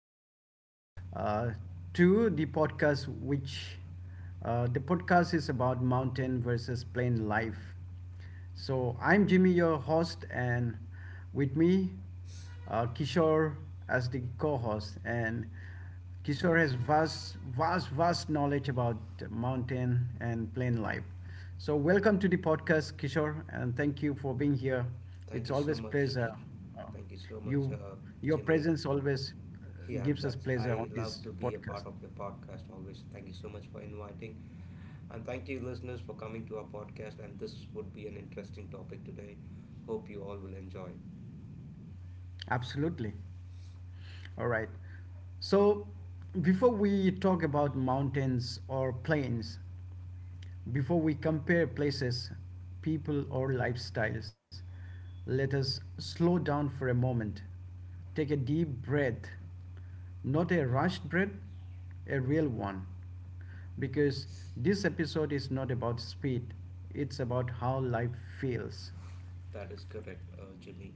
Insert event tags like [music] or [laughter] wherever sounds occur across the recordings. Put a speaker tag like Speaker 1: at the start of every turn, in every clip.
Speaker 1: everybody, uh, to the podcast. Which the podcast is about mountain versus plain life. So I'm Jimmy, your host, and with me, Kishore as the co-host. And Kishore has vast, vast, vast knowledge about mountain and plain life. So welcome to the podcast, Kishore, and thank you for being here.
Speaker 2: Thank
Speaker 1: It's
Speaker 2: you
Speaker 1: always
Speaker 2: so much.
Speaker 1: pleasure. uh,
Speaker 2: Thank you so much,
Speaker 1: you, your
Speaker 2: Jimmy.
Speaker 1: presence always
Speaker 2: Yeah,
Speaker 1: gives us
Speaker 2: that's
Speaker 1: pleasure
Speaker 2: I
Speaker 1: on
Speaker 2: love
Speaker 1: this
Speaker 2: to be a
Speaker 1: podcast.
Speaker 2: part of your podcast always. Thank you so much for inviting, and thank you, listeners, for coming to our podcast. And this would be an interesting topic today. Hope you all will enjoy.
Speaker 1: Absolutely. All right. So, before we talk about mountains or plains, before we compare places, people, or lifestyles, let us slow down for a moment. Take a deep breath, not a rushed breath, a real one. Because this episode is not about speed, it's about how life feels.
Speaker 2: That is correct, Jimmy.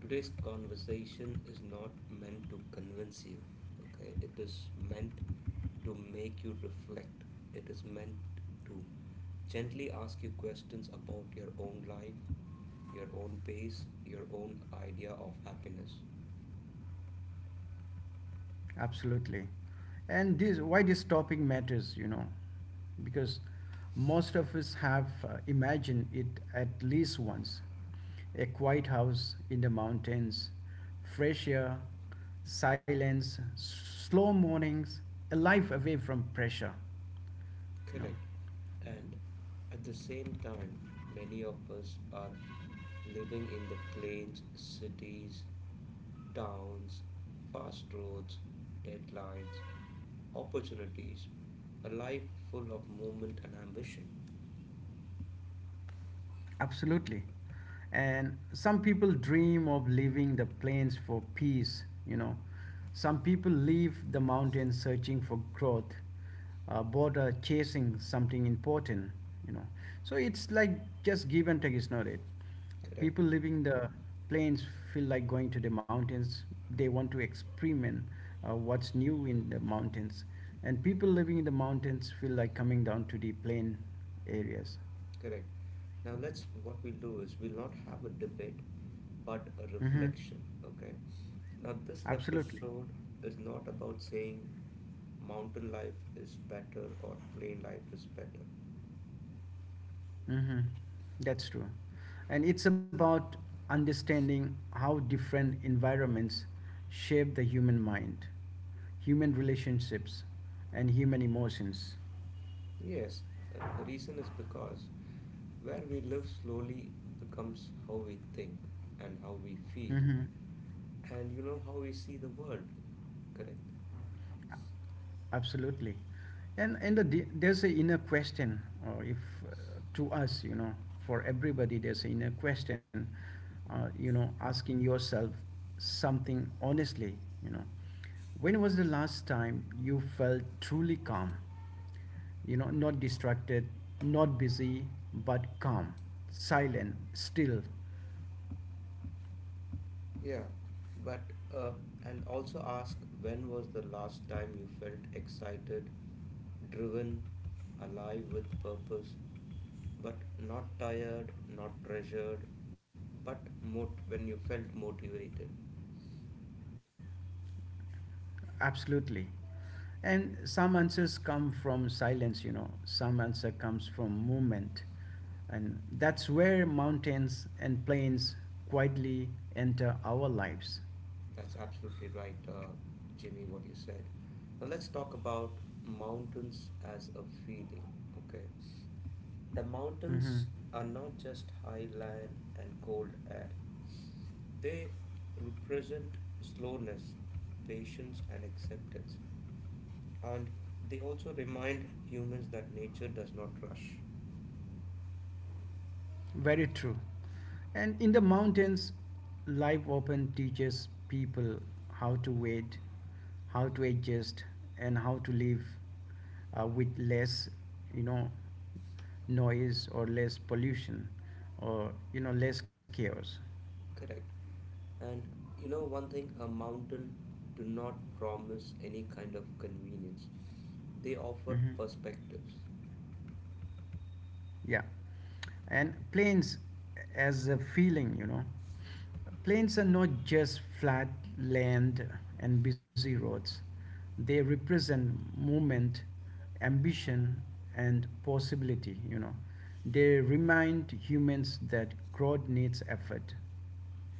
Speaker 2: Today's conversation is not meant to convince you. Okay, it is meant to make you reflect. It is meant to gently ask you questions about your own life, your own pace, your own idea of happiness.
Speaker 1: Absolutely. And this, why this topic matters, you know, because most of us have imagined it at least once. A quiet house in the mountains, fresh air, silence, slow mornings, a life away from pressure, you know.
Speaker 2: Correct. And at the same time, many of us are living in the plains, cities, towns, fast roads, deadlines, opportunities, a life full of movement and ambition.
Speaker 1: Absolutely. And some people dream of leaving the plains for peace. Some people leave the mountains searching for growth, border chasing something important, you know. So it's like just give and take, is not it?
Speaker 2: Correct.
Speaker 1: People living the plains feel like going to the mountains. They want to experiment what's new in the mountains. And people living in the mountains feel like coming down to the plain areas.
Speaker 2: Correct. Now let's what we'll do is we'll not have a debate but a
Speaker 1: Hmm.
Speaker 2: reflection. Okay. Now this
Speaker 1: Absolutely.
Speaker 2: episode is not about saying mountain life is better or plain life is better.
Speaker 1: Hmm. That's true. And it's about understanding how different environments shape the human mind, human relationships, and human emotions.
Speaker 2: Yes, the reason is because where we live slowly becomes how we think and how we feel,
Speaker 1: Hmm.
Speaker 2: and you know how we see the world, correct?
Speaker 1: Absolutely. And the, there's a inner question, or if uh, to us, you know, for everybody, there's an inner question, you know, asking yourself something honestly, you know. When was the last time you felt truly calm? You know, not distracted, not busy, but calm, silent, still.
Speaker 2: Yeah, but uh, and also ask when was the last time you felt excited, driven, alive with purpose, but not tired, not pressured, when you felt motivated.
Speaker 1: Absolutely. And some answers come from silence, you know, some answer comes from movement. And that's where mountains and plains quietly enter our lives.
Speaker 2: That's absolutely right, Jimmy, what you said. Now let's talk about mountains as a feeling, okay? The
Speaker 1: Hmm.
Speaker 2: mountains are not just high land and cold air, they represent slowness, patience, and acceptance. And they also remind humans that nature does not rush,
Speaker 1: Very true. And in the mountains, life often teaches people how to wait, how to adjust, and how to live with less, you know, noise or less pollution or, you know, less chaos.
Speaker 2: correct? And you know, one thing, a mountain do not promise any kind of convenience, they offer
Speaker 1: Mhm.
Speaker 2: perspectives.
Speaker 1: Yeah. And plains as a feeling, you know. Plains are not just flat land and busy roads, they represent movement, ambition, and possibility, you know. They remind humans that growth needs effort.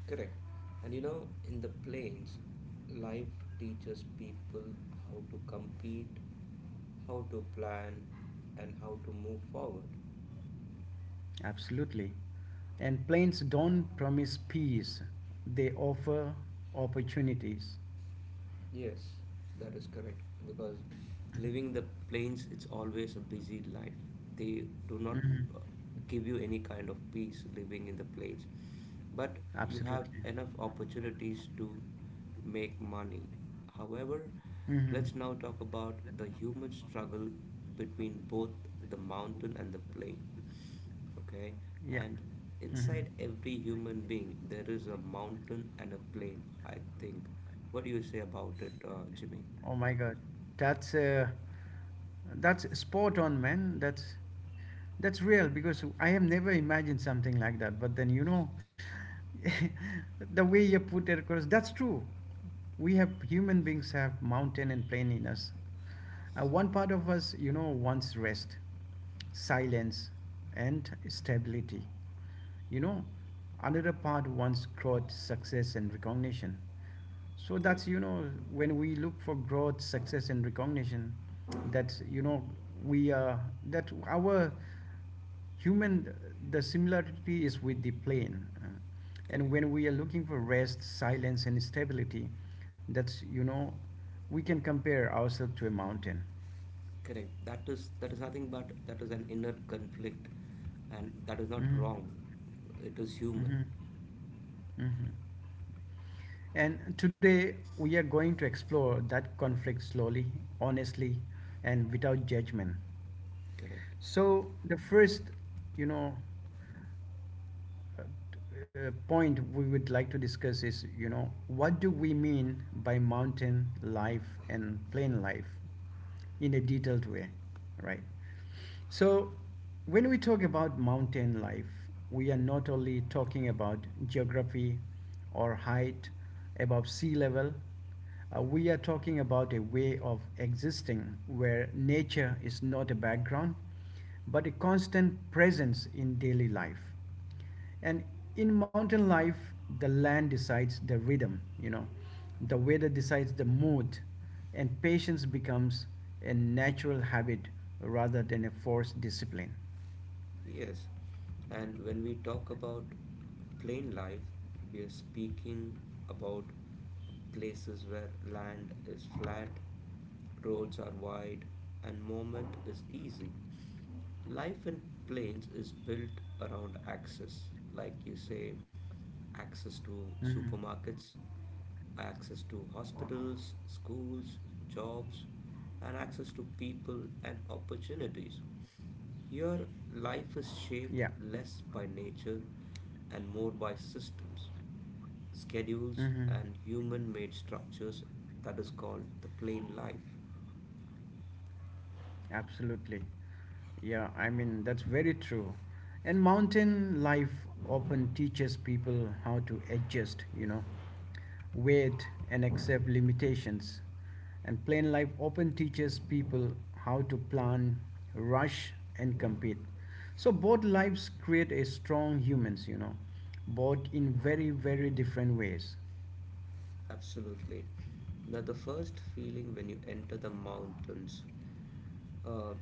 Speaker 2: Correct. And you know, in the plains, life teaches people how to compete, how to plan, and how to move forward.
Speaker 1: Absolutely. And plains don't promise peace, they offer opportunities.
Speaker 2: Yes, that is correct. Because living the plains, it's always a busy life. They do not
Speaker 1: Mhm.
Speaker 2: uh, give you any kind of peace living in the plains. But you have
Speaker 1: Absolutely.
Speaker 2: enough opportunities to make money. However,
Speaker 1: Hmm.
Speaker 2: let's now talk about the human struggle between both the mountain and the plain, okay?
Speaker 1: Yeah.
Speaker 2: And
Speaker 1: Mhm.
Speaker 2: inside every human being there is a mountain and a plain, I think. What do you say about it, Jimmy?
Speaker 1: Oh my God, that's uh, that's spot on, man. That's real because I have never imagined something like that. But then you know, [laughs] the way you put it across, that's true. We have human beings have mountain and plain in us. One part of us, you know, wants rest, silence, and stability. You know, another part wants growth, success, and recognition. So
Speaker 2: That-
Speaker 1: that's, you know, when we look for growth, success, and recognition, that, you know, we, uh, that our human, the similarity is with the plane. And when
Speaker 2: Correct.
Speaker 1: we are looking for rest, silence, and stability, that's, you know, we can compare ourselves to a mountain.
Speaker 2: Correct. That is nothing but that is an inner conflict, and that is not
Speaker 1: hmm
Speaker 2: wrong, it is human.
Speaker 1: hmm hmm. And today we are going to explore that conflict slowly, honestly, and without judgment.
Speaker 2: Correct.
Speaker 1: So the first, you know, uh, point we would like to discuss is you know what do we mean by mountain life and plain life in a detailed way, right? So when we talk about mountain life, we are not only talking about geography or height above sea level. We are talking about a way of existing where nature is not a background but a constant presence in daily life. And in mountain life, the land decides the rhythm, you know, the weather decides the mood, and patience becomes a natural habit rather than a forced discipline.
Speaker 2: Yes, and when we talk about plain life, we are speaking about places where land is flat, roads are wide, and movement is easy. Life in plains is built around access, like you say, access to
Speaker 1: Mhm.
Speaker 2: supermarkets, access to hospitals, schools, jobs, and access to people and opportunities. Here, life is shaped
Speaker 1: Yeah.
Speaker 2: less by nature and more by systems, schedules,
Speaker 1: Hmm.
Speaker 2: and human made structures. That is called the plain life.
Speaker 1: Absolutely. Yeah, I mean, that's very true. And mountain life often teaches people how to adjust, you know, wait and accept limitations. And plain life often teaches people how to plan, rush, and compete. So both lives create a strong humans, you know, both in very, very different ways.
Speaker 2: Absolutely. Now, the first feeling when you enter the mountains, uh,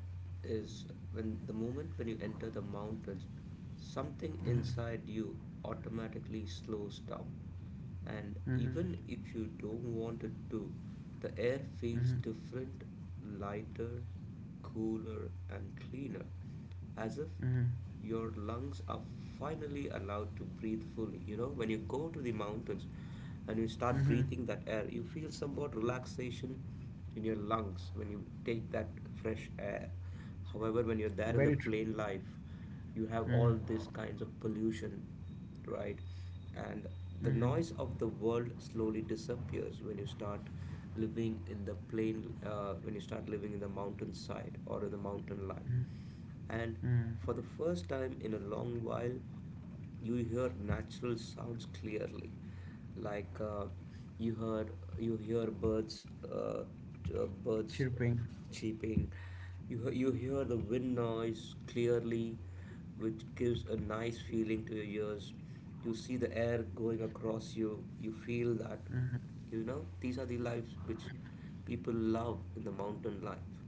Speaker 2: is when the moment when you enter the mountains, something inside you automatically slows down, and
Speaker 1: Mm-hmm.
Speaker 2: even if you don't want it to, the air feels
Speaker 1: Mm-hmm.
Speaker 2: different, lighter, cooler, and cleaner, as if
Speaker 1: Mm-hmm.
Speaker 2: your lungs are finally allowed to breathe fully. You know, when you go to the mountains and you start
Speaker 1: Mm-hmm.
Speaker 2: breathing that air, you feel somewhat relaxation in your lungs when you take that fresh air. However, when you're there in the
Speaker 1: Very true.
Speaker 2: plain life, you have all these
Speaker 1: Mm-hmm.
Speaker 2: kinds of pollution, right? And the
Speaker 1: Mhm.
Speaker 2: noise of the world slowly disappears when you start living in the plain, when you start living in the mountainside or in the mountain life.
Speaker 1: Mhm.
Speaker 2: And
Speaker 1: Mm.
Speaker 2: for the first time in a long while, you hear natural sounds clearly, like you hear birds, uh, birds
Speaker 1: Chirping.
Speaker 2: cheeping. You hear the wind noise clearly, which gives a nice feeling to your ears. You see the air going across you. You feel that,
Speaker 1: Mhm.
Speaker 2: you know, these are the lives which people love in the mountain life.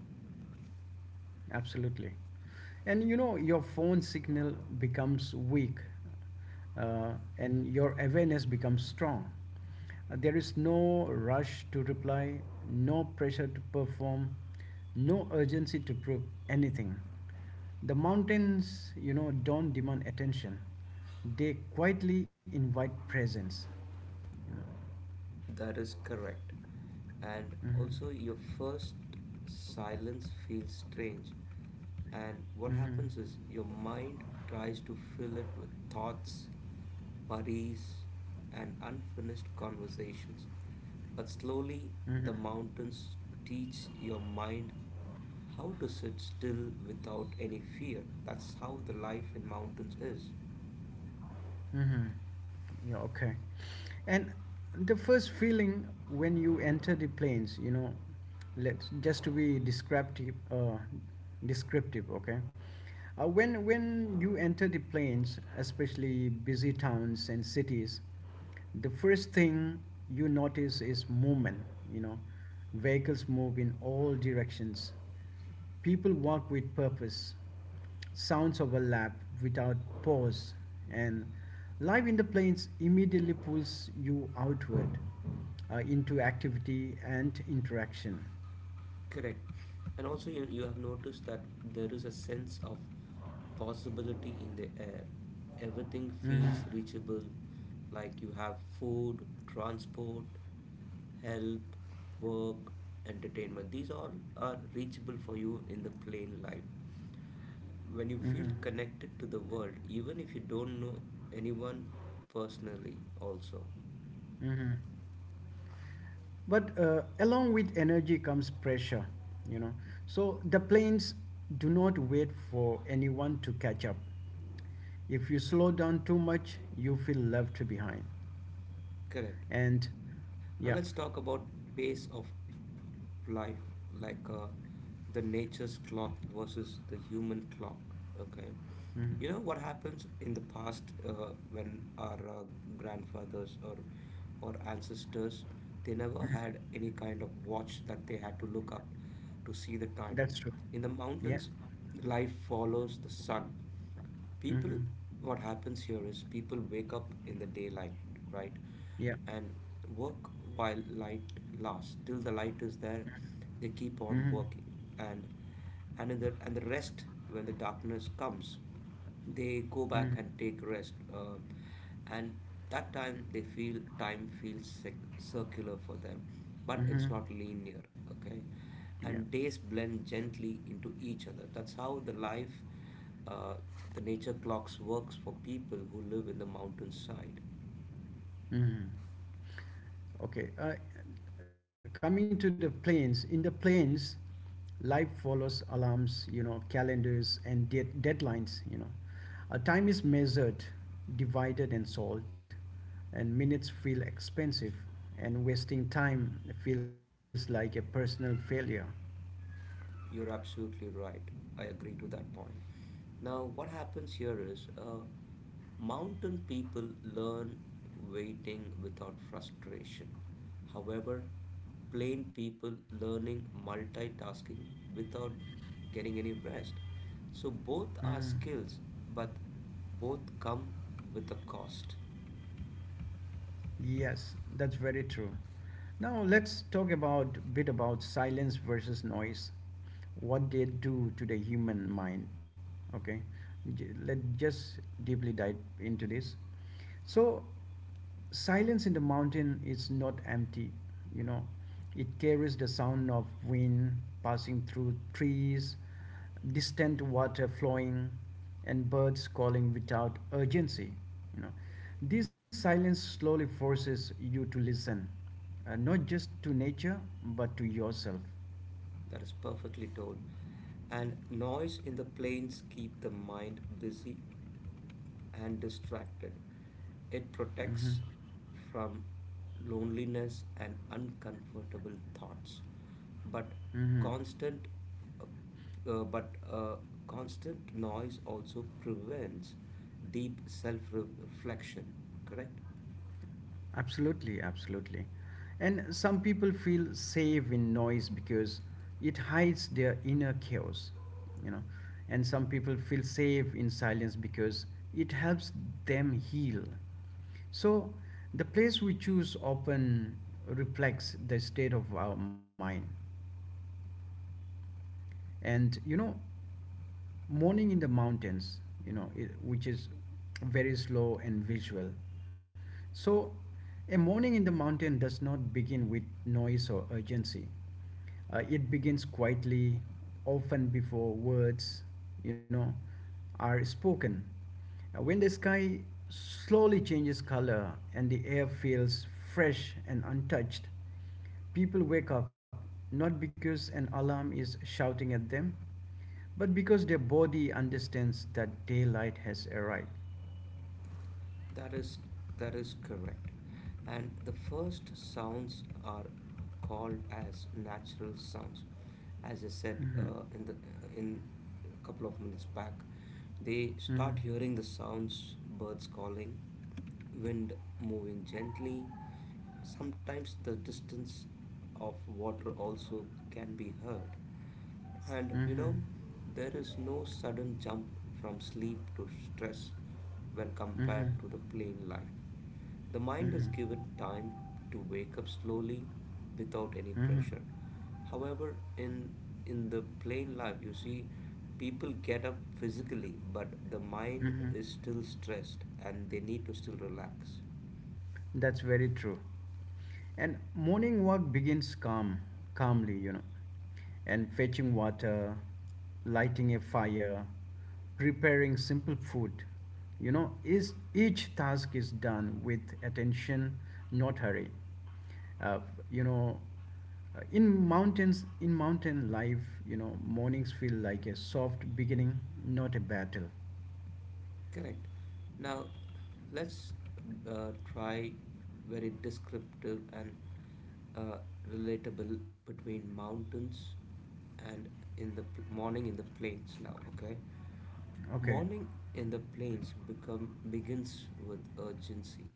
Speaker 1: Absolutely. And you know, your phone signal becomes weak and your awareness becomes strong. There is no rush to reply, no pressure to perform, no urgency to prove anything. The mountains, you know, don't demand attention, they quietly invite presence.
Speaker 2: That is correct. And
Speaker 1: Mm-hmm.
Speaker 2: also, your first silence feels strange. And what
Speaker 1: Mm-hmm.
Speaker 2: happens is your mind tries to fill it with thoughts, worries, and unfinished conversations. But slowly,
Speaker 1: Mm-hmm.
Speaker 2: the mountains teach your mind how to sit still without any fear. That's how the life in mountains is.
Speaker 1: Mm-hmm. Yeah, okay. And the first feeling when you enter the planes, you know, let's just to be descriptive, okay. When you enter the plains, especially busy towns and cities, the first thing you notice is movement. You know, vehicles move in all directions. People walk with purpose. Sounds overlap without pause, and life in the plains immediately pulls you outward into activity and interaction.
Speaker 2: Correct. And also, you have noticed that there is a sense of possibility in the air. Everything
Speaker 1: Mhm.
Speaker 2: feels reachable, like you have food, transport, help, work, entertainment. These all are reachable for you in the plain life. When you feel
Speaker 1: Mhm.
Speaker 2: connected to the world, even if you don't know anyone personally, also.
Speaker 1: Mhm. But along with energy comes pressure, you know. So the planes do not wait for anyone to catch up. If you slow down too much, you feel left behind.
Speaker 2: Correct.
Speaker 1: And
Speaker 2: Now let's talk
Speaker 1: yeah.
Speaker 2: about pace of life, like the nature's clock versus the human clock. Okay. You know what happens
Speaker 1: Mhm.
Speaker 2: in the past, when our grandfathers or ancestors, they never had any kind of watch that they had to look up to see the time.
Speaker 1: That's true.
Speaker 2: In the mountains,
Speaker 1: Yeah.
Speaker 2: life follows the sun. People
Speaker 1: Mm-hmm.
Speaker 2: What happens here is people wake up in the daylight, right?
Speaker 1: Yeah.
Speaker 2: And work while light lasts, till the light is there they keep on
Speaker 1: Mm-hmm.
Speaker 2: working. and and in the and the rest, when the darkness comes, they go back
Speaker 1: Mm-hmm.
Speaker 2: and take rest, and that time they feel time feels circular for them, but it's
Speaker 1: Mm-hmm.
Speaker 2: not linear, okay?
Speaker 1: Yeah.
Speaker 2: And days blend gently into each other. That's how the life, uh, the nature clocks works for people who live in the mountainside.
Speaker 1: Mm-hmm. Okay, coming to the planes, in the planes, life follows alarms, you know, calendars and deadlines, you know. Time is measured, divided, and solved, and minutes feel expensive, and wasting time feels like a personal failure.
Speaker 2: You're absolutely right. I agree to that point. Now, what happens here is, mountain people learn waiting without frustration. However, plain people learning multitasking without getting any rest. So both are
Speaker 1: Mm.
Speaker 2: skills, but both come with a cost.
Speaker 1: Yes, that's very true. Now let's talk about bit about silence versus noise. What they do to the human mind. Okay, let just deeply dive into this. So silence in the mountain is not empty, you know. It carries the sound of wind passing through trees, distant water flowing, and birds calling without urgency. You know, this silence slowly forces you to listen, not just to nature but to yourself.
Speaker 2: That is perfectly told. And noise in the planes keep the mind busy and distracted. It
Speaker 1: Mm-hmm.
Speaker 2: protects from loneliness and uncomfortable thoughts. But
Speaker 1: Mm-hmm.
Speaker 2: constant uh, uh, but uh, constant noise also prevents deep self-reflection, correct?
Speaker 1: Absolutely, absolutely. And some people feel safe in noise because it hides their inner chaos, you know. And some people feel safe in silence because it helps them heal. So the place we choose often reflects the state of our mind. And you know morning in the mountains, you know it, which is very slow and visual. So a morning in the mountain does not begin with noise or urgency. It begins quietly, often before words you know are spoken. When the sky slowly changes color and the air feels fresh and untouched, people wake up not because an alarm is shouting at them, but because their body understands that daylight has arrived.
Speaker 2: That is that is correct. And the first sounds are called as natural sounds, as I said,
Speaker 1: Mhm.
Speaker 2: in a couple of minutes back. They
Speaker 1: Mhm.
Speaker 2: start hearing the sounds, birds calling, wind moving gently, sometimes the distance of water also can be heard. And you
Speaker 1: Mhm.
Speaker 2: know, there is no sudden jump from sleep to stress when compared
Speaker 1: Mhm.
Speaker 2: to the plain life. The mind is
Speaker 1: Mhm.
Speaker 2: given time to wake up slowly without any
Speaker 1: Mhm.
Speaker 2: pressure. However, in the plain life you see people get up physically, but the mind
Speaker 1: Mhm.
Speaker 2: is still stressed and they need to still relax.
Speaker 1: That's very true. And morning walk begins calmly, you know, and fetching water, lighting a fire, preparing simple food. You know, is each task is done with attention, not hurry. Uh, you know, in mountain life, you know, mornings feel like a soft beginning, not a battle.
Speaker 2: Correct. Now, let's try very descriptive and uh, relatable between mountains and morning in the plains now, okay?
Speaker 1: Okay.
Speaker 2: Morning in the plains become begins with urgency.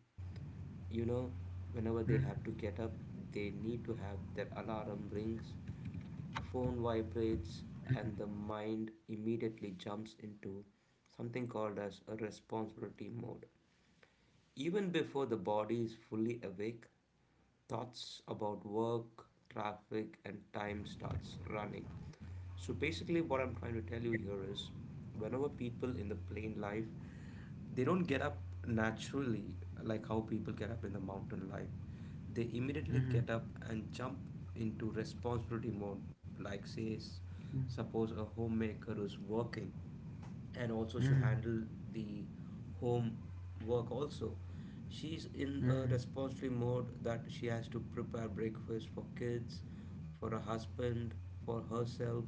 Speaker 2: You know, whenever they have to get up, they need to have their alarm rings, phone vibrates, and the mind immediately jumps into something called as a responsibility mode. Even before the body is fully awake, thoughts about work, traffic, and time starts running. So basically, what I'm trying to tell you here is, whenever people in the plain life, they don't get up naturally like how people get up in the mountain life. They immediately get up and jump into responsibility mode, like, say, suppose a homemaker is working and also should
Speaker 1: Mm-hmm.
Speaker 2: handle the home work also. She's in a
Speaker 1: Mm-hmm.
Speaker 2: responsibility mode that she has to prepare breakfast for kids, for a husband, for herself,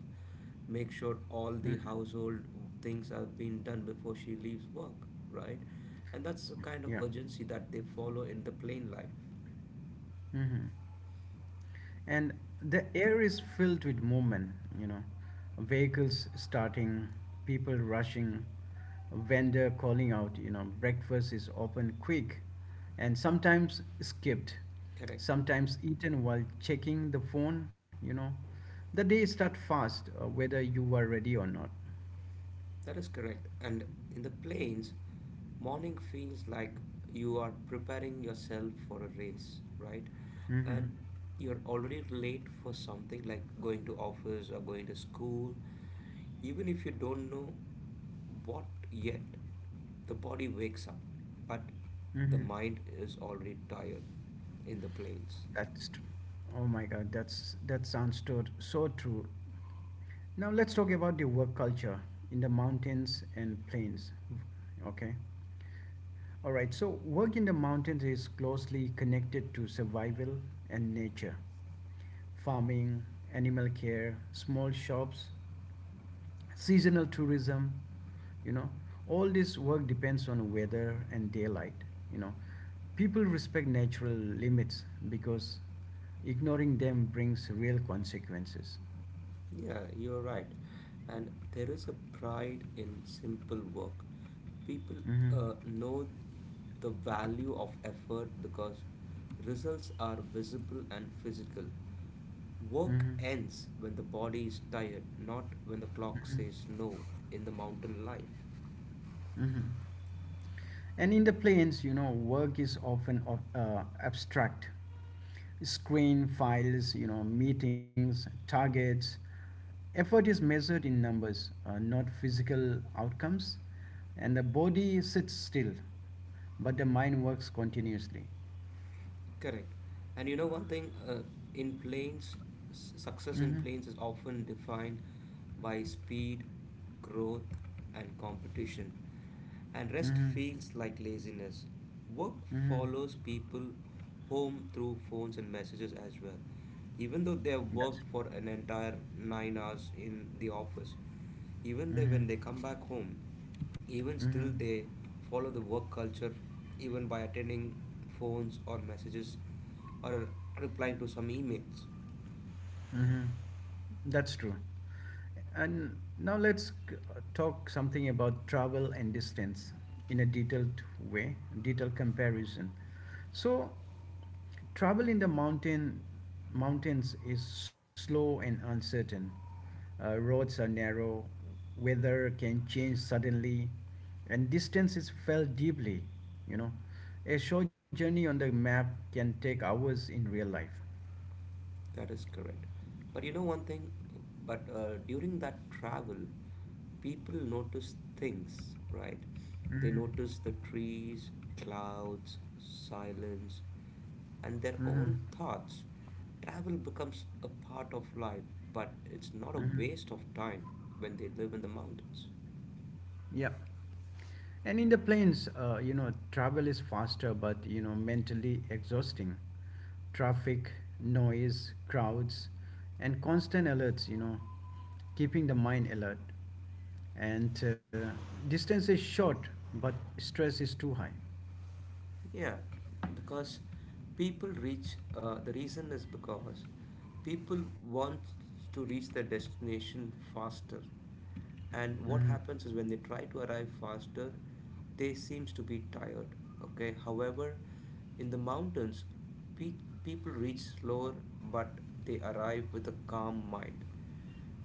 Speaker 2: make sure all the
Speaker 1: Mm-hmm.
Speaker 2: household things have been done before she leaves work, right? And that's the kind
Speaker 1: Yeah.
Speaker 2: of urgency that they follow in the plane life.
Speaker 1: Hmm. And the air is filled with movement, you know, vehicles starting, people rushing, vendor calling out, you know, breakfast is open quick and sometimes skipped,
Speaker 2: Correct.
Speaker 1: sometimes eaten while checking the phone, you know. The day start fast, whether you are ready or not.
Speaker 2: That is correct. And in the planes, morning feels like you are preparing yourself for a race, right?
Speaker 1: Hmm.
Speaker 2: And you're already late for something like going to office or going to school, even if you don't know what yet. The body wakes up, but the
Speaker 1: Hmm.
Speaker 2: mind is already tired in the plains.
Speaker 1: That's true. Oh my god, that so true. Now let's talk about the work culture in the mountains and plains. Okay. All right. So work in the mountains is closely connected to survival and nature. Farming, animal care, small shops, seasonal tourism, you know, all this work depends on weather and daylight, you know. People respect natural limits because ignoring them brings real consequences.
Speaker 2: Yeah, you're right. And there is a pride in simple work. People
Speaker 1: Mhm.
Speaker 2: know the value of effort because results are visible and physical. Work
Speaker 1: Mhm.
Speaker 2: ends when the body is tired, not when the clock
Speaker 1: Mhm.
Speaker 2: says no, in the mountain life.
Speaker 1: Mhm. And in the plains, you know, work is often abstract. Screen files, you know, meetings, targets. Effort is measured in numbers, not physical outcomes. And the body sits still, but the mind works continuously.
Speaker 2: Correct. And you know, one thing, in planes, success in
Speaker 1: Mm-hmm.
Speaker 2: planes is often defined by speed, growth, and competition. And rest
Speaker 1: Mm-hmm.
Speaker 2: feels like laziness. Work
Speaker 1: Mm-hmm.
Speaker 2: follows people home through phones and messages as well. Even though they have
Speaker 1: That's.
Speaker 2: worked for an entire 9 hours in the office, even they, when
Speaker 1: Mm-hmm.
Speaker 2: they come back home, even
Speaker 1: Mm-hmm.
Speaker 2: still they follow the work culture, even by attending phones or messages or replying to some emails.
Speaker 1: Mm-hmm. That's true. And now let's talk something about travel and distance in a detailed way, detailed comparison. So, travel in the mountains is slow and uncertain. Roads are narrow, weather can change suddenly, and distance is felt deeply. You know, a short journey on the map can take hours in real life.
Speaker 2: That is correct. But you know one thing, but during that travel, people notice things, right? They
Speaker 1: Mm-hmm.
Speaker 2: notice the trees, clouds, silence, and their own thoughts. Travel becomes a part of life, but it's not a
Speaker 1: Hmm.
Speaker 2: waste of time when they live in the mountains.
Speaker 1: Yeah. And in the planes, you know, travel is faster, but you know, mentally exhausting. Traffic, noise, crowds, and constant alerts. You know, keeping the mind alert. And distance is short, but stress is too high.
Speaker 2: Yeah, because the reason is because people want to reach their destination faster. And what
Speaker 1: Mm-hmm.
Speaker 2: happens is when they try to arrive faster, they seems to be tired. Okay. However, in the mountains, people reach slower, but they arrive with a calm mind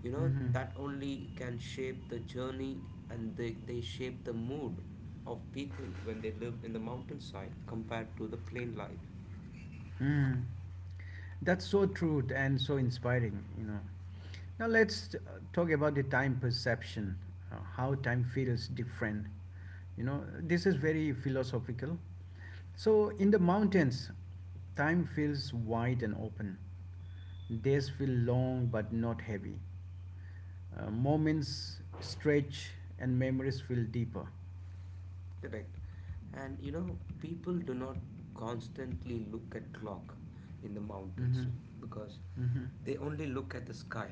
Speaker 2: you know
Speaker 1: Mm-hmm.
Speaker 2: that only can shape the journey and they shape the mood of people when they live in the mountainside compared to the plain life.
Speaker 1: Hmm. That's so true and so inspiring, you know. Now let's talk about the time perception, how time feels different. You know, this is very philosophical. So in the mountains, time feels wide and open. Days feel long but not heavy. Moments stretch and memories feel deeper.
Speaker 2: Correct. And you know people do not constantly look at clock in the mountains
Speaker 1: Mm-hmm.
Speaker 2: because
Speaker 1: Mm-hmm.
Speaker 2: they only look at the sky,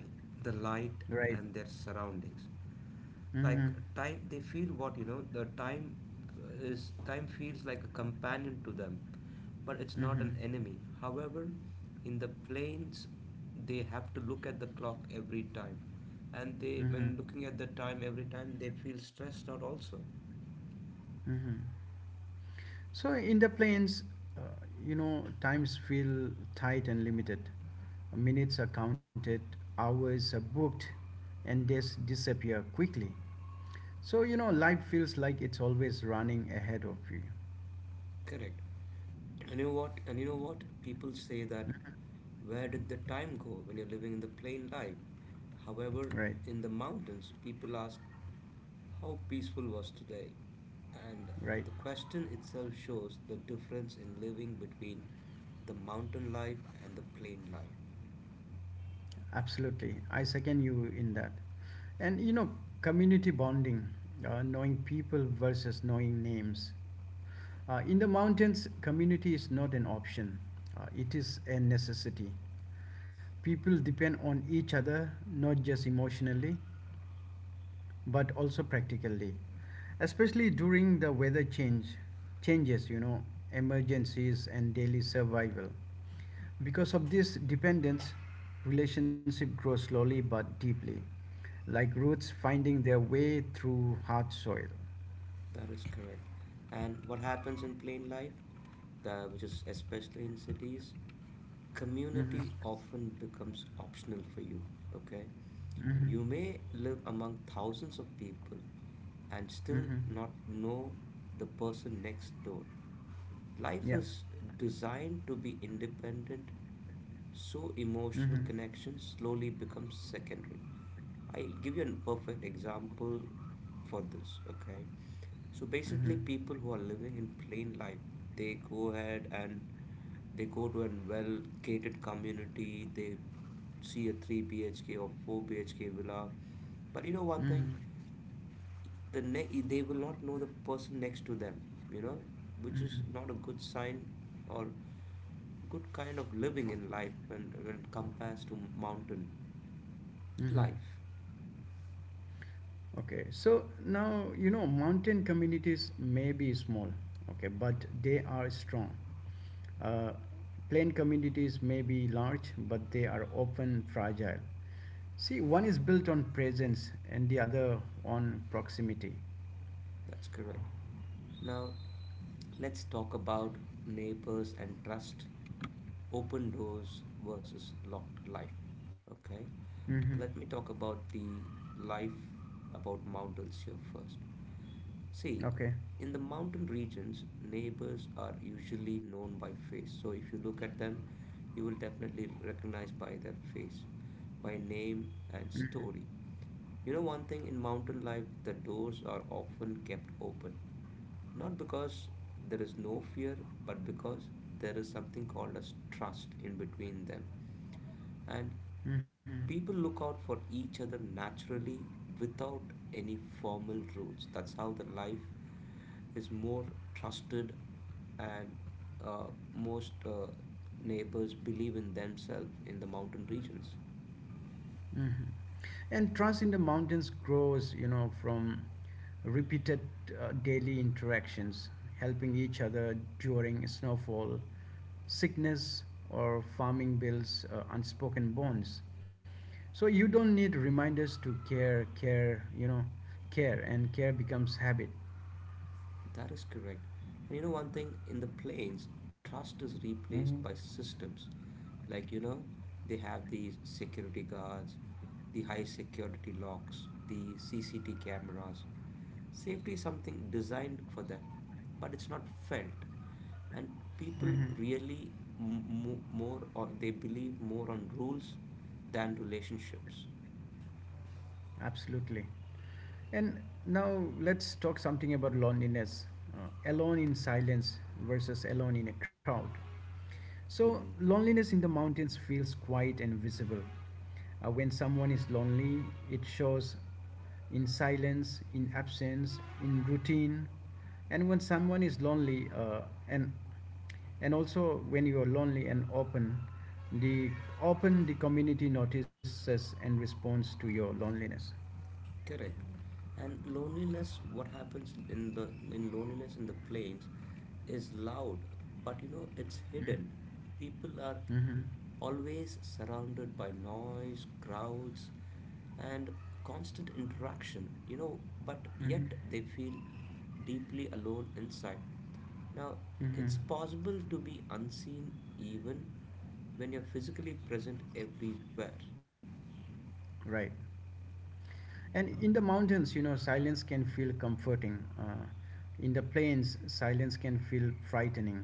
Speaker 2: the light,
Speaker 1: Right.
Speaker 2: and their surroundings. Like,
Speaker 1: Mm-hmm.
Speaker 2: time they feel, what you know, the time is. Time feels like a companion to them, but it's not
Speaker 1: Mm-hmm.
Speaker 2: an enemy. However, in the planes, they have to look at the clock every time, and they when
Speaker 1: Mm-hmm.
Speaker 2: looking at the time every time they feel stressed out also.
Speaker 1: Mm-hmm. So in the planes, uh, you know, times feel tight and limited. Minutes are counted, hours are booked, and they disappear quickly. So you know, life feels like it's always running ahead of you.
Speaker 2: Correct. And you know what? People say that where did the time go when you're living in the plain life? However,
Speaker 1: Right.
Speaker 2: in the mountains, people ask how peaceful was today. And
Speaker 1: Right.
Speaker 2: the question itself shows the difference in living between the mountain life and the plain life.
Speaker 1: Absolutely, I second you in that. And you know, community bonding, knowing people versus knowing names. In the mountains, community is not an option, it is a necessity. People depend on each other not just emotionally but also practically, especially during the weather change changes, you know, emergencies and daily survival. Because of this dependence, relationship grows slowly but deeply, like roots finding their way through hard soil.
Speaker 2: That is correct. And what happens in plain life, which is especially in cities,
Speaker 1: Mhm.
Speaker 2: community often becomes optional for you. Okay,
Speaker 1: Mhm.
Speaker 2: you may live among thousands of people and still
Speaker 1: Mhm.
Speaker 2: not know the person next door. Life
Speaker 1: Yeah.
Speaker 2: is designed to be independent, so emotional
Speaker 1: Mm-hmm.
Speaker 2: connections slowly become secondary. I'll give you a perfect example for this, okay? So basically,
Speaker 1: Mm-hmm.
Speaker 2: people who are living in plain life, they go ahead and they go to a well gated community, they see a 3 BHK or 4 BHK villa. But you know one thing,
Speaker 1: Mm-hmm.
Speaker 2: they will not know the person next to them, you know, which is
Speaker 1: Mm-hmm.
Speaker 2: not a good sign or good kind of living in life when compared to mountain
Speaker 1: Mm-hmm.
Speaker 2: life.
Speaker 1: Okay. So now, you know, mountain communities may be small, okay, but they are strong. Uh, Plain communities may be large, but they are often fragile. See, one is built on presence and the other on proximity.
Speaker 2: That's correct. Now let's talk about neighbors and trust, open doors versus locked life. Okay,
Speaker 1: Mm-hmm.
Speaker 2: let me talk about the life about mountains here first. See,
Speaker 1: Okay.
Speaker 2: in the mountain regions, neighbors are usually known by face. So if you look at them, you will definitely recognize by their face, by name and
Speaker 1: Mm-hmm.
Speaker 2: story. You know one thing in mountain life, the doors are often kept open. Not because there is no fear, but because there is something called as trust in between them. And
Speaker 1: Mm-hmm.
Speaker 2: people look out for each other naturally without any formal rules. That's how the life is more trusted and uh, most neighbors believe in themselves in the mountain regions.
Speaker 1: Mhm. And trust in the mountains grows, you know, from repeated daily interactions, helping each other during snowfall, sickness, or farming bills, unspoken bonds. So you don't need reminders to care, and care becomes habit.
Speaker 2: That is correct. And you know one thing in the plains, trust is
Speaker 1: Hmm.
Speaker 2: replaced by systems. Like you know, they have these security guards, the high security locks, the CCT cameras. Safety is something designed for them, but it's not felt. And people
Speaker 1: Mhm.
Speaker 2: really m- mo more or they believe more on rules than relationships.
Speaker 1: Absolutely. And now let's talk something about loneliness. Alone in silence versus alone in a crowd. So,
Speaker 2: Hmm.
Speaker 1: loneliness in the mountains feels quiet and visible. When someone is lonely, it shows in silence, in absence, in routine. And when someone is lonely, and and also when you are lonely and the open the community notices and responds to your loneliness.
Speaker 2: Correct. And loneliness, what happens in the in loneliness in the plains is loud, but you know it's
Speaker 1: Mm-hmm.
Speaker 2: hidden. People are
Speaker 1: Mm-hmm.
Speaker 2: always surrounded by noise, crowds, and constant interaction, you know, but
Speaker 1: Mm-hmm.
Speaker 2: yet they feel deeply alone inside. Now,
Speaker 1: Mm-hmm.
Speaker 2: it's possible to be unseen even when you're physically present everywhere.
Speaker 1: Right. And in the mountains, you know, silence can feel comforting. In the plains, silence can feel frightening.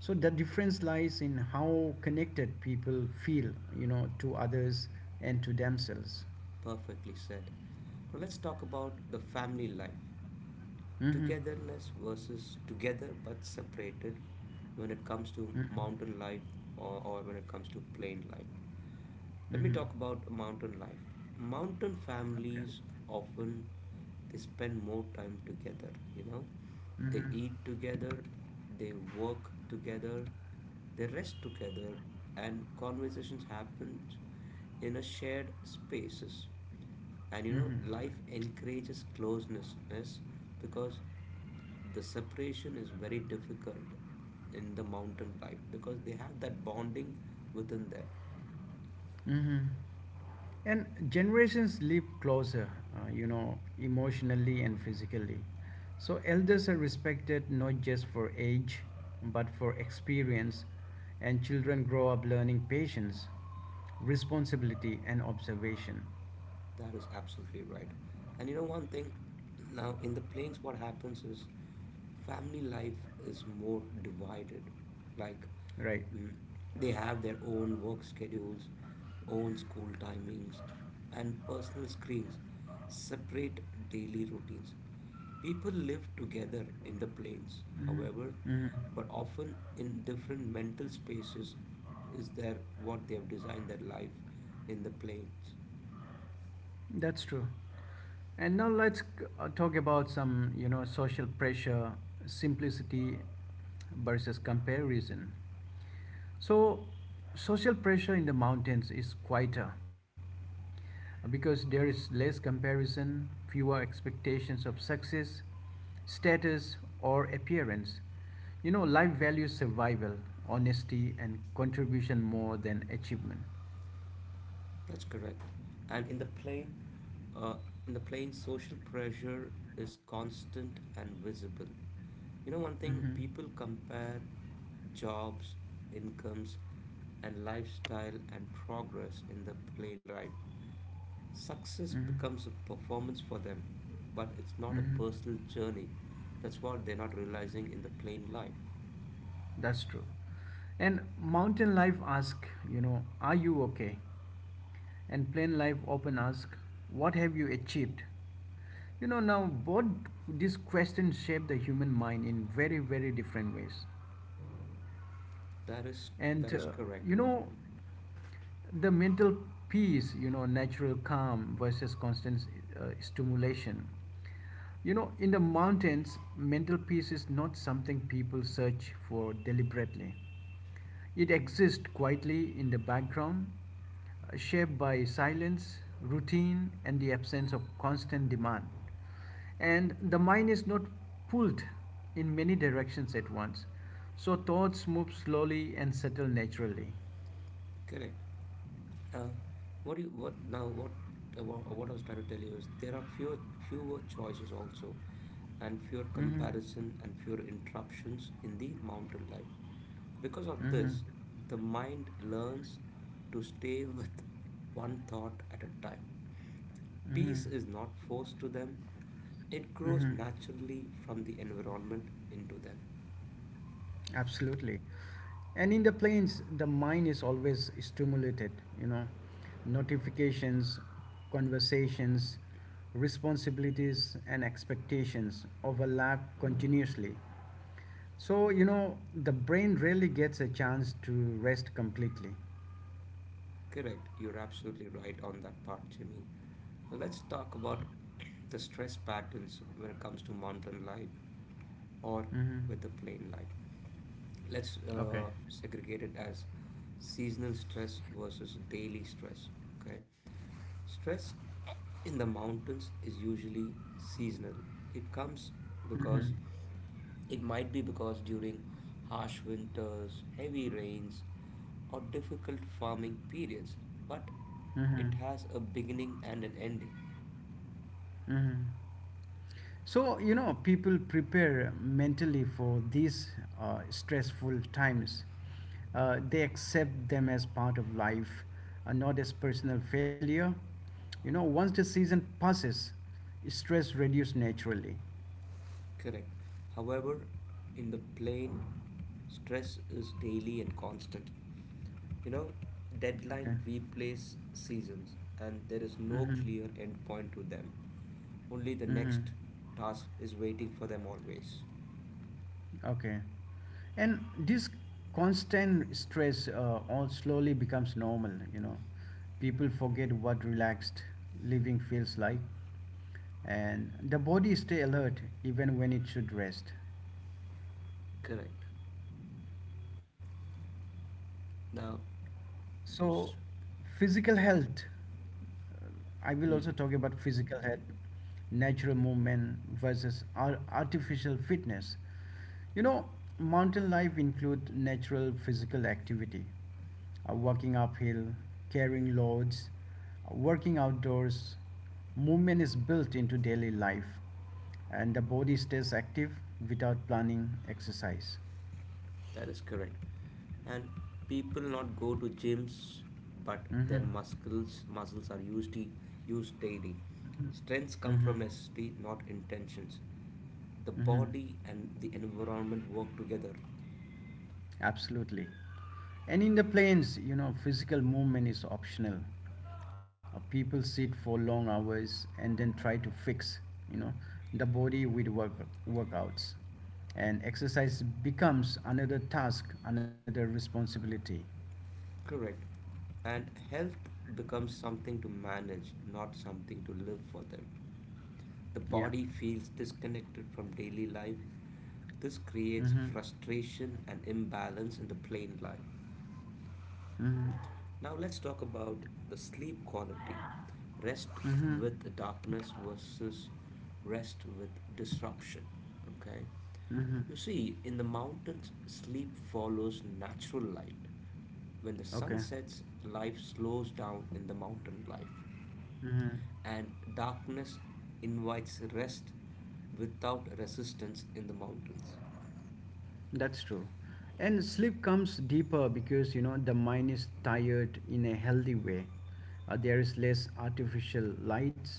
Speaker 1: So the difference lies in how connected people feel, you know, to others and to themselves.
Speaker 2: Perfectly said. Now let's talk about the family life.
Speaker 1: Mm-hmm.
Speaker 2: Togetherness versus together but separated when it comes to
Speaker 1: Mm-hmm.
Speaker 2: mountain life, or when it comes to plain life. Let me talk about mountain life. Mountain
Speaker 1: Mm-hmm.
Speaker 2: families often they spend more time together, you know. They
Speaker 1: Mm-hmm.
Speaker 2: eat together, they work together, they rest together, and conversations happen in a shared spaces. And you know,
Speaker 1: Mm-hmm.
Speaker 2: life encourages closeness because the separation is very difficult in the mountain life because they have that bonding within them.
Speaker 1: Mm-hmm. And generations live closer, you know, emotionally and physically. So elders are respected not just for age, but for experience, and children grow up learning patience, responsibility, and observation.
Speaker 2: That is absolutely right. And you know one thing, now in the plains, what happens is family life is more divided. Like
Speaker 1: Right.
Speaker 2: mm, they have their own work schedules, own school timings, and personal screens, separate daily routines. People live together in the plains,
Speaker 1: Mhm.
Speaker 2: however,
Speaker 1: Mhm.
Speaker 2: but often in different mental spaces is there what they have designed their life in the plains.
Speaker 1: That's true. And now let's talk about some, you know, social pressure, simplicity versus comparison. So, social pressure in the mountains is quieter because there is less comparison, fewer expectations of success, status, or appearance. You know, life values survival, honesty, and contribution more than achievement.
Speaker 2: That's correct. And in the plane, social pressure is constant and visible. You know, one
Speaker 1: Mm-hmm.
Speaker 2: thing people compare jobs, incomes, and lifestyle and progress in the plane ride. Success
Speaker 1: Mm-hmm.
Speaker 2: becomes a performance for them, but it's not a
Speaker 1: Mm-hmm.
Speaker 2: personal journey. That's what they're not realizing in the plane life.
Speaker 1: That's true. And mountain life ask, you know, are you okay? And plain life often ask, what have you achieved? You know, now both these questions shape the human mind in very, very different ways.
Speaker 2: That is
Speaker 1: And,
Speaker 2: that is
Speaker 1: you
Speaker 2: correct.
Speaker 1: know, the mental peace, you know, natural calm versus constant stimulation. You know, in the mountains, mental peace is not something people search for deliberately. It exists quietly in the background, shaped by silence, routine, and the absence of constant demand. And the mind is not pulled in many directions at once, so thoughts move slowly and settle naturally.
Speaker 2: Correct. Now, what you what now what wha- what I was trying to tell you is there are fewer choices also, and fewer
Speaker 1: Mm-hmm.
Speaker 2: comparison and fewer interruptions in the mountain life. Because of
Speaker 1: Mm-hmm.
Speaker 2: this, the mind learns to stay with one thought at a time.
Speaker 1: Mm-hmm.
Speaker 2: Peace is not forced to them; it grows
Speaker 1: Mm-hmm.
Speaker 2: naturally from the environment into them.
Speaker 1: Absolutely. And in the planes, the mind is always stimulated, you know, notifications, conversations, responsibilities, and expectations overlap continuously. So, you know, the brain rarely gets a chance to rest completely.
Speaker 2: Correct. You're absolutely right on that part, Jimmy. Now let's talk about [clears throat] the stress patterns when it comes to mountain life or
Speaker 1: Mm-hmm.
Speaker 2: with the plain life. Let's
Speaker 1: Okay.
Speaker 2: segregate it as seasonal stress versus daily stress. Okay. Stress in the mountains is usually seasonal. It comes because it might be because during harsh winters, heavy rains, or difficult farming periods, but
Speaker 1: Mm-hmm.
Speaker 2: it has a beginning and an ending.
Speaker 1: Mm-hmm. So, you know, people prepare mentally for these stressful times. They accept them as part of life, not as personal failure. You know, once the season passes, stress reduces naturally.
Speaker 2: Correct. However, in the plain, stress is daily and constant. You know,
Speaker 1: Okay.
Speaker 2: deadline replace seasons, and there is no
Speaker 1: Mm-hmm.
Speaker 2: clear end point to them. Only the
Speaker 1: Mm-hmm.
Speaker 2: next task is waiting for them always.
Speaker 1: Okay. And this constant stress all slowly becomes normal, you know. People forget what relaxed living feels like and the body stay alert even when it should rest.
Speaker 2: Correct. Now.
Speaker 1: So, physical health. uh, I will also
Speaker 2: Mhm.
Speaker 1: talk about physical health, natural movement versus artificial fitness. You know, mountain life include natural physical activity, walking uphill, carrying loads, working outdoors. Movement is built into daily life, and the body stays active without planning exercise.
Speaker 2: That is correct. And people not go to gyms, but their
Speaker 1: Mm-hmm.
Speaker 2: muscles are used daily. Strengths come
Speaker 1: Mm-hmm.
Speaker 2: from necessity, not intentions. The
Speaker 1: Mm-hmm.
Speaker 2: body and the environment work together.
Speaker 1: Absolutely. And in the planes, you know, physical movement is optional. People sit for long hours and then try to fix, you know, the body with workouts. And exercise becomes another task, another responsibility.
Speaker 2: Correct. And health becomes something to manage, not something to live for them. The
Speaker 1: Yeah.
Speaker 2: body feels disconnected from daily life. This creates
Speaker 1: Mm-hmm.
Speaker 2: frustration and imbalance in the plain life.
Speaker 1: Mm-hmm.
Speaker 2: Now let's talk about the sleep quality. Rest
Speaker 1: Mm-hmm.
Speaker 2: with darkness versus rest with disruption. Okay?
Speaker 1: Mm-hmm.
Speaker 2: You see, in the mountains, sleep follows natural light. When the sun
Speaker 1: Okay.
Speaker 2: sets, life slows down in the mountain life,
Speaker 1: Mm-hmm.
Speaker 2: and darkness invites rest without resistance in the mountains.
Speaker 1: That's true. And sleep comes deeper because you know the mind is tired in a healthy way. There is less artificial lights,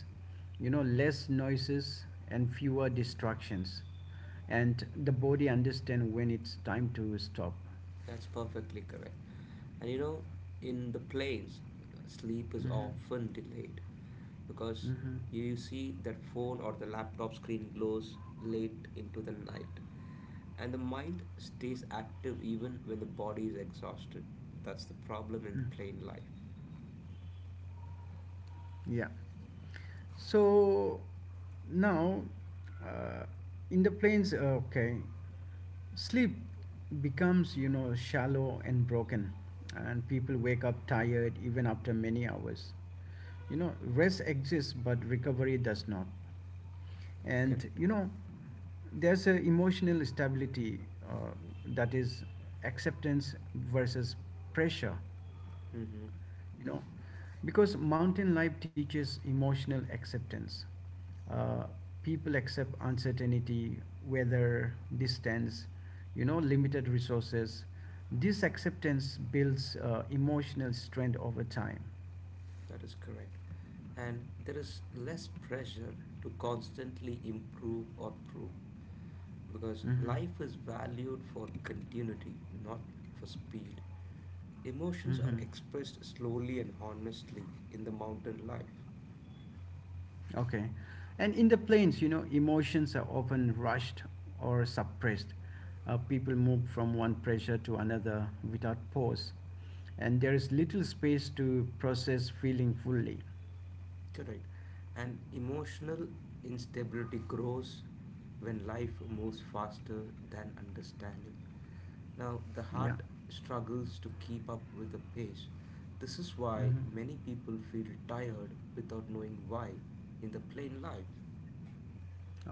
Speaker 1: you know, less noises and fewer distractions. And the body understands when it's time to stop.
Speaker 2: That's perfectly correct. And you know, in the planes, sleep is
Speaker 1: Hmm.
Speaker 2: often delayed because
Speaker 1: Hmm.
Speaker 2: you see that phone or the laptop screen glows late into the night. And the mind stays active even when the body is exhausted. That's the problem in the plane life.
Speaker 1: Yeah. So now, uh, in the plains, okay, sleep becomes, you know, shallow and broken, and people wake up tired even after many hours. You know, rest exists, but recovery does not. And,
Speaker 2: Correct.
Speaker 1: you know, there's a emotional stability uh, that is acceptance versus pressure,
Speaker 2: Mm-hmm.
Speaker 1: you know, because mountain life teaches emotional acceptance, uh, people accept uncertainty, weather, distance, you know, limited resources. This acceptance builds emotional strength over time.
Speaker 2: That is correct. And there is less pressure to constantly improve or prove because
Speaker 1: Hmm.
Speaker 2: life is valued for continuity, not for speed. Emotions are
Speaker 1: Hmm.
Speaker 2: expressed slowly and honestly in the mountain life.
Speaker 1: Okay. And in the plains, you know, emotions are often rushed or suppressed. People move from one pressure to another without pause. And there is little space to process feeling fully.
Speaker 2: Correct. And emotional instability grows when life moves faster than understanding. Now, the
Speaker 1: Yeah.
Speaker 2: heart struggles to keep up with the pace. This is why
Speaker 1: Hmm.
Speaker 2: many people feel tired without knowing why in the plain life.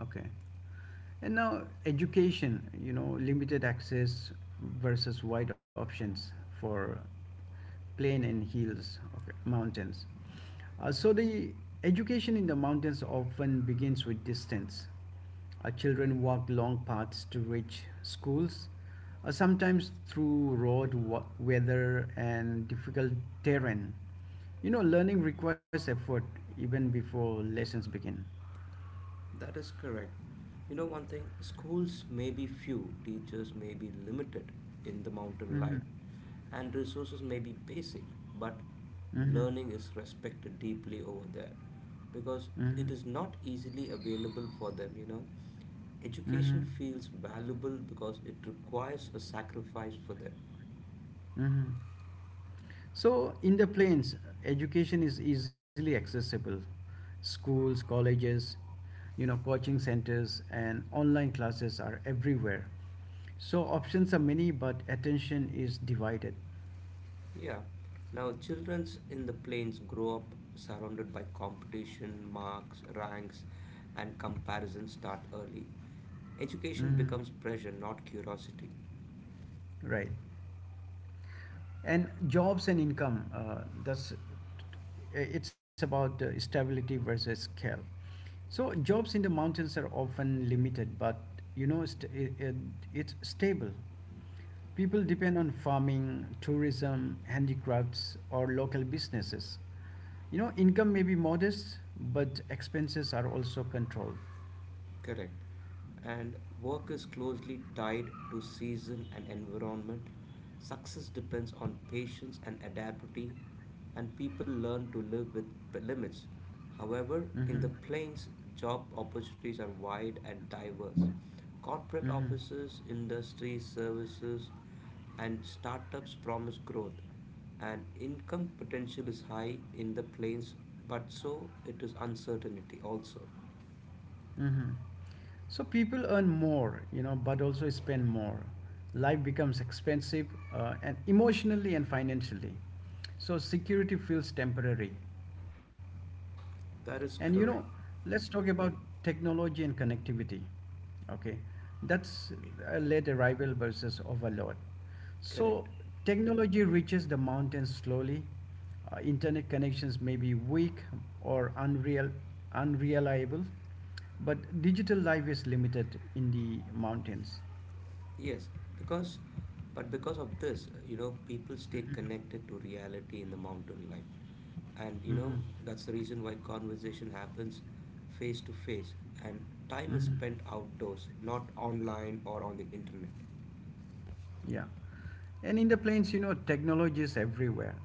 Speaker 1: Okay. And now, education, you know, limited access versus wide options for plain and hills, okay, mountains. So the education in the mountains often begins with distance. Our children walk long paths to reach schools, sometimes through weather and difficult terrain. You know, learning requires effort even before lessons begin.
Speaker 2: That is correct. You know, one thing, schools may be few, teachers may be limited in the mountain
Speaker 1: Mm-hmm.
Speaker 2: life, and resources may be basic, but
Speaker 1: Mm-hmm.
Speaker 2: learning is respected deeply over there because
Speaker 1: Mm-hmm.
Speaker 2: it is not easily available for them, you know.
Speaker 1: Mm-hmm.
Speaker 2: Education feels valuable because it requires a sacrifice for them.
Speaker 1: Mm-hmm. So, in the plains, education is easily accessible. Schools, colleges, you know, coaching centers, and online classes are everywhere. So, options are many, but attention is divided.
Speaker 2: Yeah. Now, children in the plains grow up surrounded by competition, marks, ranks, and comparison start early. Education
Speaker 1: Mhm.
Speaker 2: becomes pressure, not curiosity.
Speaker 1: Right. And jobs and income, that's it's about stability versus scale. So jobs in the mountains are often limited, but you know it's stable. People depend on farming, tourism, handicrafts, or local businesses. You know, income may be modest, but expenses are also controlled.
Speaker 2: Correct. And work is closely tied to season and environment. Success depends on patience and adaptability, and people learn to live with limits. However, in
Speaker 1: Hmm.
Speaker 2: the plains, job opportunities are wide and diverse. Corporate
Speaker 1: Hmm.
Speaker 2: offices, industries, services, and startups promise growth, and income potential is high in the plains, but so it is uncertainty also.
Speaker 1: Hmm. So people earn more, you know, but also spend more. Life becomes expensive, and emotionally and financially. So security feels temporary.
Speaker 2: That
Speaker 1: And
Speaker 2: is
Speaker 1: you know,
Speaker 2: correct.
Speaker 1: let's talk about technology and connectivity. Okay, that's a late arrival versus overload. So,
Speaker 2: Correct.
Speaker 1: technology reaches the mountains slowly. Internet connections may be weak or unreal, unreliable, but digital life is limited in the mountains.
Speaker 2: Yes, because because of this, you know, people stay connected to reality in the mountain life. And you know,
Speaker 1: Hmm.
Speaker 2: that's the reason why conversation happens face to face and time is
Speaker 1: Hmm.
Speaker 2: spent outdoors, not online or on the internet.
Speaker 1: Yeah. And in the planes, you know, technology is everywhere.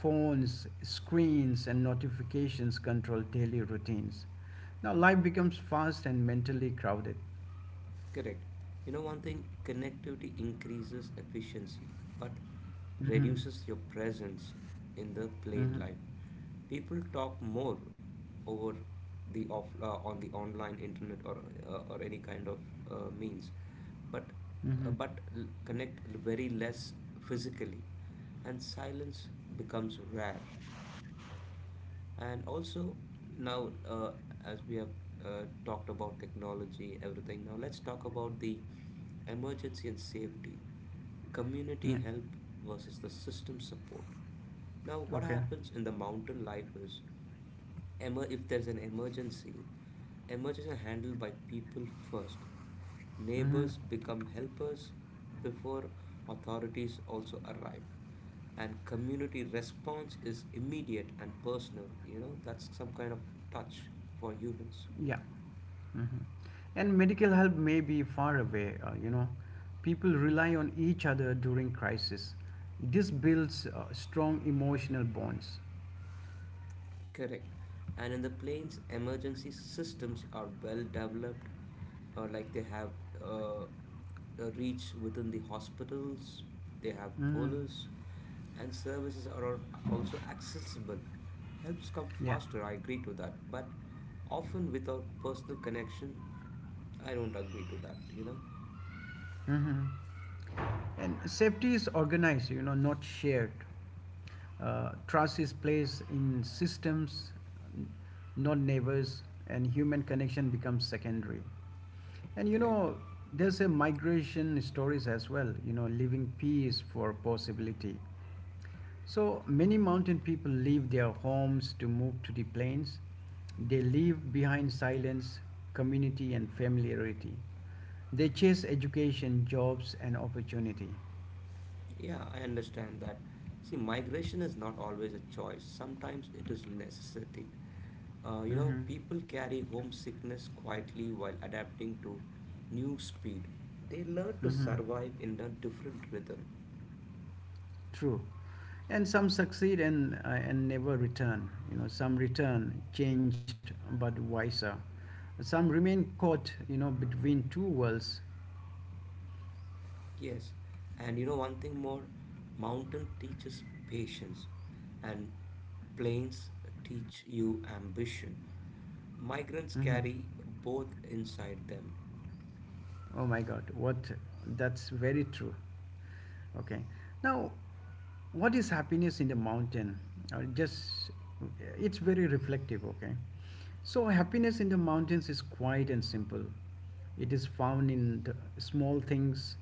Speaker 1: Phones, screens, and notifications control daily routines. Now, life becomes fast and mentally crowded.
Speaker 2: Correct. You know, one thing, connectivity increases efficiency but
Speaker 1: Mm-hmm.
Speaker 2: reduces your presence in the
Speaker 1: Mm-hmm.
Speaker 2: plain life. People talk more over the off on the online internet or or any kind of means, but
Speaker 1: Mm-hmm.
Speaker 2: connect very less physically, and silence becomes rare. And also now, as we have talked about technology, everything, now let's talk about the emergency and safety, community
Speaker 1: Yeah.
Speaker 2: help versus the system support. Now, what
Speaker 1: Okay.
Speaker 2: happens in the mountain life is, if there's an emergency, emergencies are handled by people first.
Speaker 1: Mm-hmm.
Speaker 2: Neighbors become helpers before authorities also arrive, and community response is immediate and personal, you know, that's some kind of touch for humans.
Speaker 1: Yeah. Mm-hmm. And medical help may be far away, you know. People rely on each other during crisis. This builds strong emotional bonds.
Speaker 2: Correct. And in the plains emergency systems are well developed, like they have, uh, a reach within the hospitals, they have
Speaker 1: Mm-hmm.
Speaker 2: police, and services are also accessible. Helps come
Speaker 1: Yeah.
Speaker 2: faster, I agree to that, but often without personal connection, I don't agree to that, you know?
Speaker 1: Mm-hmm. And safety is organized, you know, not shared. Trust is placed in systems, not neighbors, and human connection becomes secondary. And you
Speaker 2: Correct.
Speaker 1: know, there's a migration stories as well, you know, leaving peace for possibility. So many mountain people leave their homes to move to the plains. They leave behind silence, community, and familiarity. They chase education, jobs, and opportunity.
Speaker 2: Yeah, I understand that. See, migration is not always a choice, sometimes it is necessity. You know,
Speaker 1: Mm-hmm.
Speaker 2: people carry homesickness quietly while adapting to new speed. They learn to
Speaker 1: Mm-hmm.
Speaker 2: survive in a different rhythm.
Speaker 1: True. And some succeed and never return. You know, some return changed but wiser. Some remain caught, you know, between two worlds.
Speaker 2: Yes, and you know one thing more, mountain teaches patience, and plains teach you ambition. Migrants
Speaker 1: Mm-hmm.
Speaker 2: carry both inside them.
Speaker 1: Oh my God, what that's very true. Okay, now what is happiness in the mountain? Just It's very reflective. Okay, so happiness in the mountains is quiet and simple. It is found in the small things,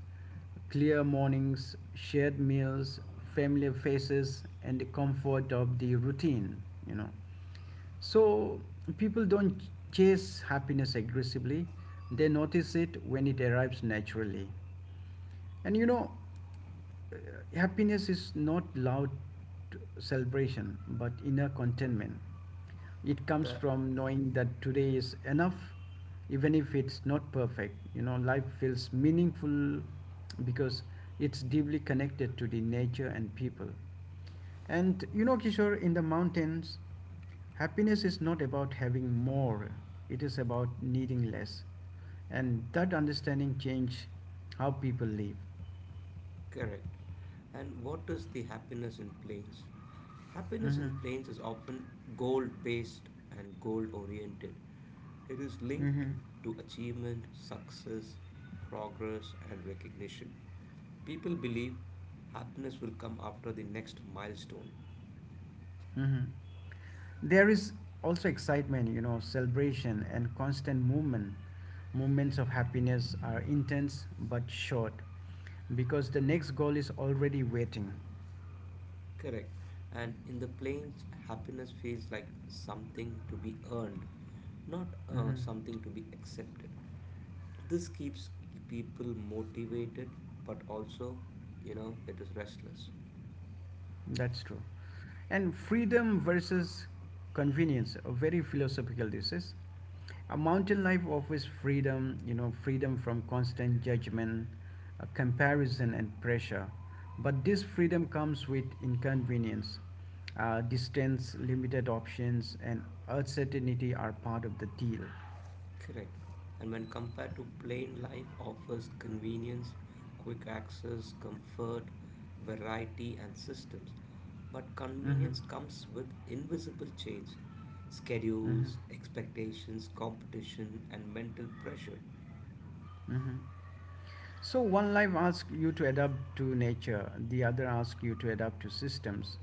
Speaker 1: clear mornings, shared meals, familiar faces, and the comfort of the routine. You know, so people don't chase happiness aggressively, they notice it when it arrives naturally. And you know, uh, happiness is not loud celebration but inner contentment. It comes
Speaker 2: The
Speaker 1: from knowing that today is enough, even if it's not perfect. You know, life feels meaningful because it's deeply connected to the nature and people. And you know, Kishore, in the mountains, happiness is not about having more, it is about needing less. And that understanding change how people live.
Speaker 2: Correct. And what is the happiness in plains? Happiness
Speaker 1: Hmm.
Speaker 2: in plains is often goal-based and goal-oriented. It is linked
Speaker 1: Hmm.
Speaker 2: to achievement, success, progress, and recognition. People believe happiness will come after the next milestone.
Speaker 1: Hmm. There is also excitement, you know, celebration and constant movement. Moments of happiness are intense but short because the next goal is already waiting.
Speaker 2: Correct. And in the plains, happiness feels like something to be earned, not
Speaker 1: Hmm.
Speaker 2: something to be accepted. This keeps people motivated, but also, you know, it is restless.
Speaker 1: That's true. And freedom versus convenience, a very philosophical this is. A mountain life offers freedom, you know, freedom from constant judgment, comparison, and pressure. But this freedom comes with inconvenience. Distance, limited options, and uncertainty are part of the deal.
Speaker 2: Correct. And when compared to plain life, offers convenience, quick access, comfort, variety, and systems. But
Speaker 1: Mm-hmm.
Speaker 2: convenience comes with invisible chains,
Speaker 1: Mm-hmm.
Speaker 2: schedules, expectations, competition, and mental pressure.
Speaker 1: Mm-hmm. So one life asks you to adapt to nature, the other asks you to adapt to systems.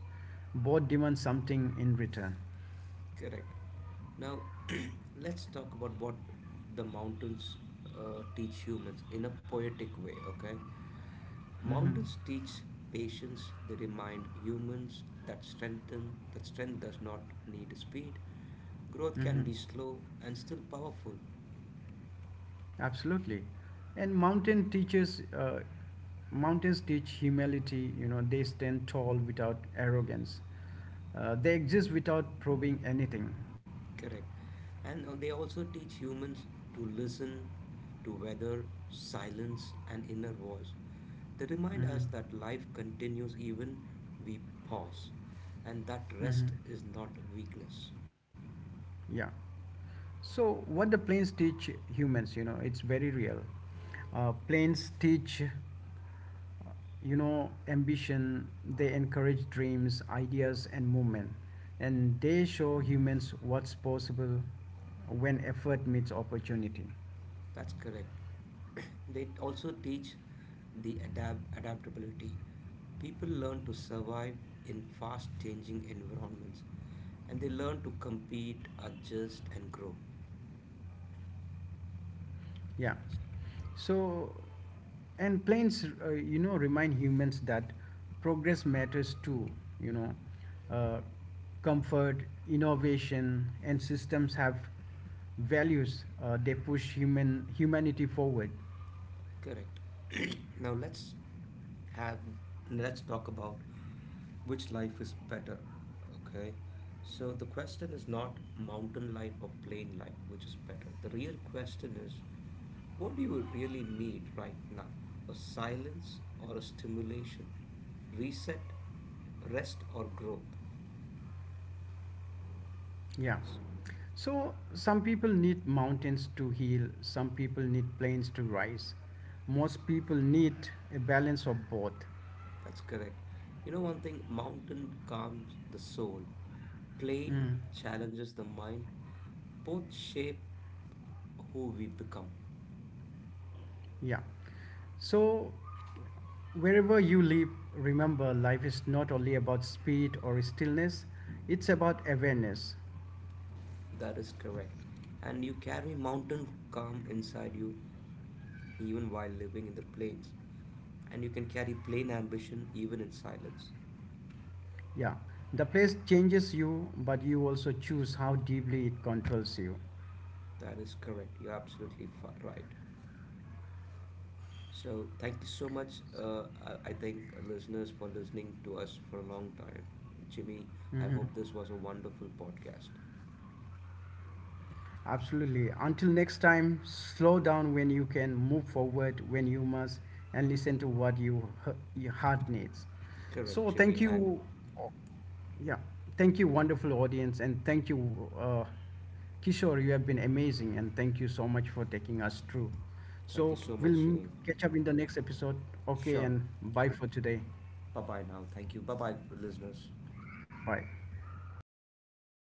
Speaker 1: Both demand something in return.
Speaker 2: Correct. Now, [clears throat] let's talk about what the mountains teach humans in a poetic way, okay?
Speaker 1: Hmm.
Speaker 2: Mountains teach patience. They remind humans that strength does not need speed. Growth can
Speaker 1: Hmm.
Speaker 2: be slow and still powerful.
Speaker 1: Absolutely. And mountains teach humility. You know, they stand tall without arrogance. They exist without probing anything.
Speaker 2: Correct. And they also teach humans to listen to weather, silence, and inner voice. They remind
Speaker 1: Hmm.
Speaker 2: us that life continues even we pause, and that
Speaker 1: Hmm.
Speaker 2: rest is not weakness.
Speaker 1: Yeah. So what the plains teach humans, you know, it's very real. Planes teach, you know, ambition. They encourage dreams, ideas, and movement, and they show humans what's possible when effort meets opportunity.
Speaker 2: That's correct. [clears throat] They also teach the adaptability. People learn to survive in fast changing environments, and they learn to compete, adjust, and grow.
Speaker 1: Yeah. So and planes, you know, remind humans that progress matters too, you know, uh, comfort, innovation, and systems have values. They push humanity forward.
Speaker 2: Correct. [clears throat] Now have let's talk about which life is better. Okay. So the question is not mountain life or plain life, which is better. The real question is what do you really need right now? A silence or a stimulation? Reset, rest or growth?
Speaker 1: Yeah. So, some people need mountains to heal, some people need plains to rise. Most people need a balance of both.
Speaker 2: That's correct. You know one thing, mountain calms the soul, plain
Speaker 1: Mm.
Speaker 2: challenges the mind. Both shape who we become.
Speaker 1: Yeah. So, wherever you live, remember life is not only about speed or stillness, it's about awareness.
Speaker 2: That is correct. And you carry mountain calm inside you even while living in the plains. And you can carry plain ambition even in silence.
Speaker 1: Yeah. The place changes you, but you also choose how deeply it controls you.
Speaker 2: That is correct. You're absolutely right. So, thank you so much, I think, listeners, for listening to us for a long time. Jimmy, I
Speaker 1: Mhm.
Speaker 2: hope this was a wonderful podcast.
Speaker 1: Absolutely. Until next time, slow down when you can, move forward when you must, and listen to what your heart needs.
Speaker 2: Correct,
Speaker 1: So,
Speaker 2: Jimmy.
Speaker 1: thank
Speaker 2: And
Speaker 1: you. Yeah. Thank you, wonderful audience. And thank you, uh, Kishore. You have been amazing. And thank you so much for taking us through.
Speaker 2: thank you
Speaker 1: So,
Speaker 2: so
Speaker 1: we'll
Speaker 2: much,
Speaker 1: m-
Speaker 2: Jimmy.
Speaker 1: catch up in the next episode. Okay.
Speaker 2: Sure.
Speaker 1: And bye for today.
Speaker 2: Bye bye now. Thank you. Bye bye, listeners.
Speaker 1: Bye.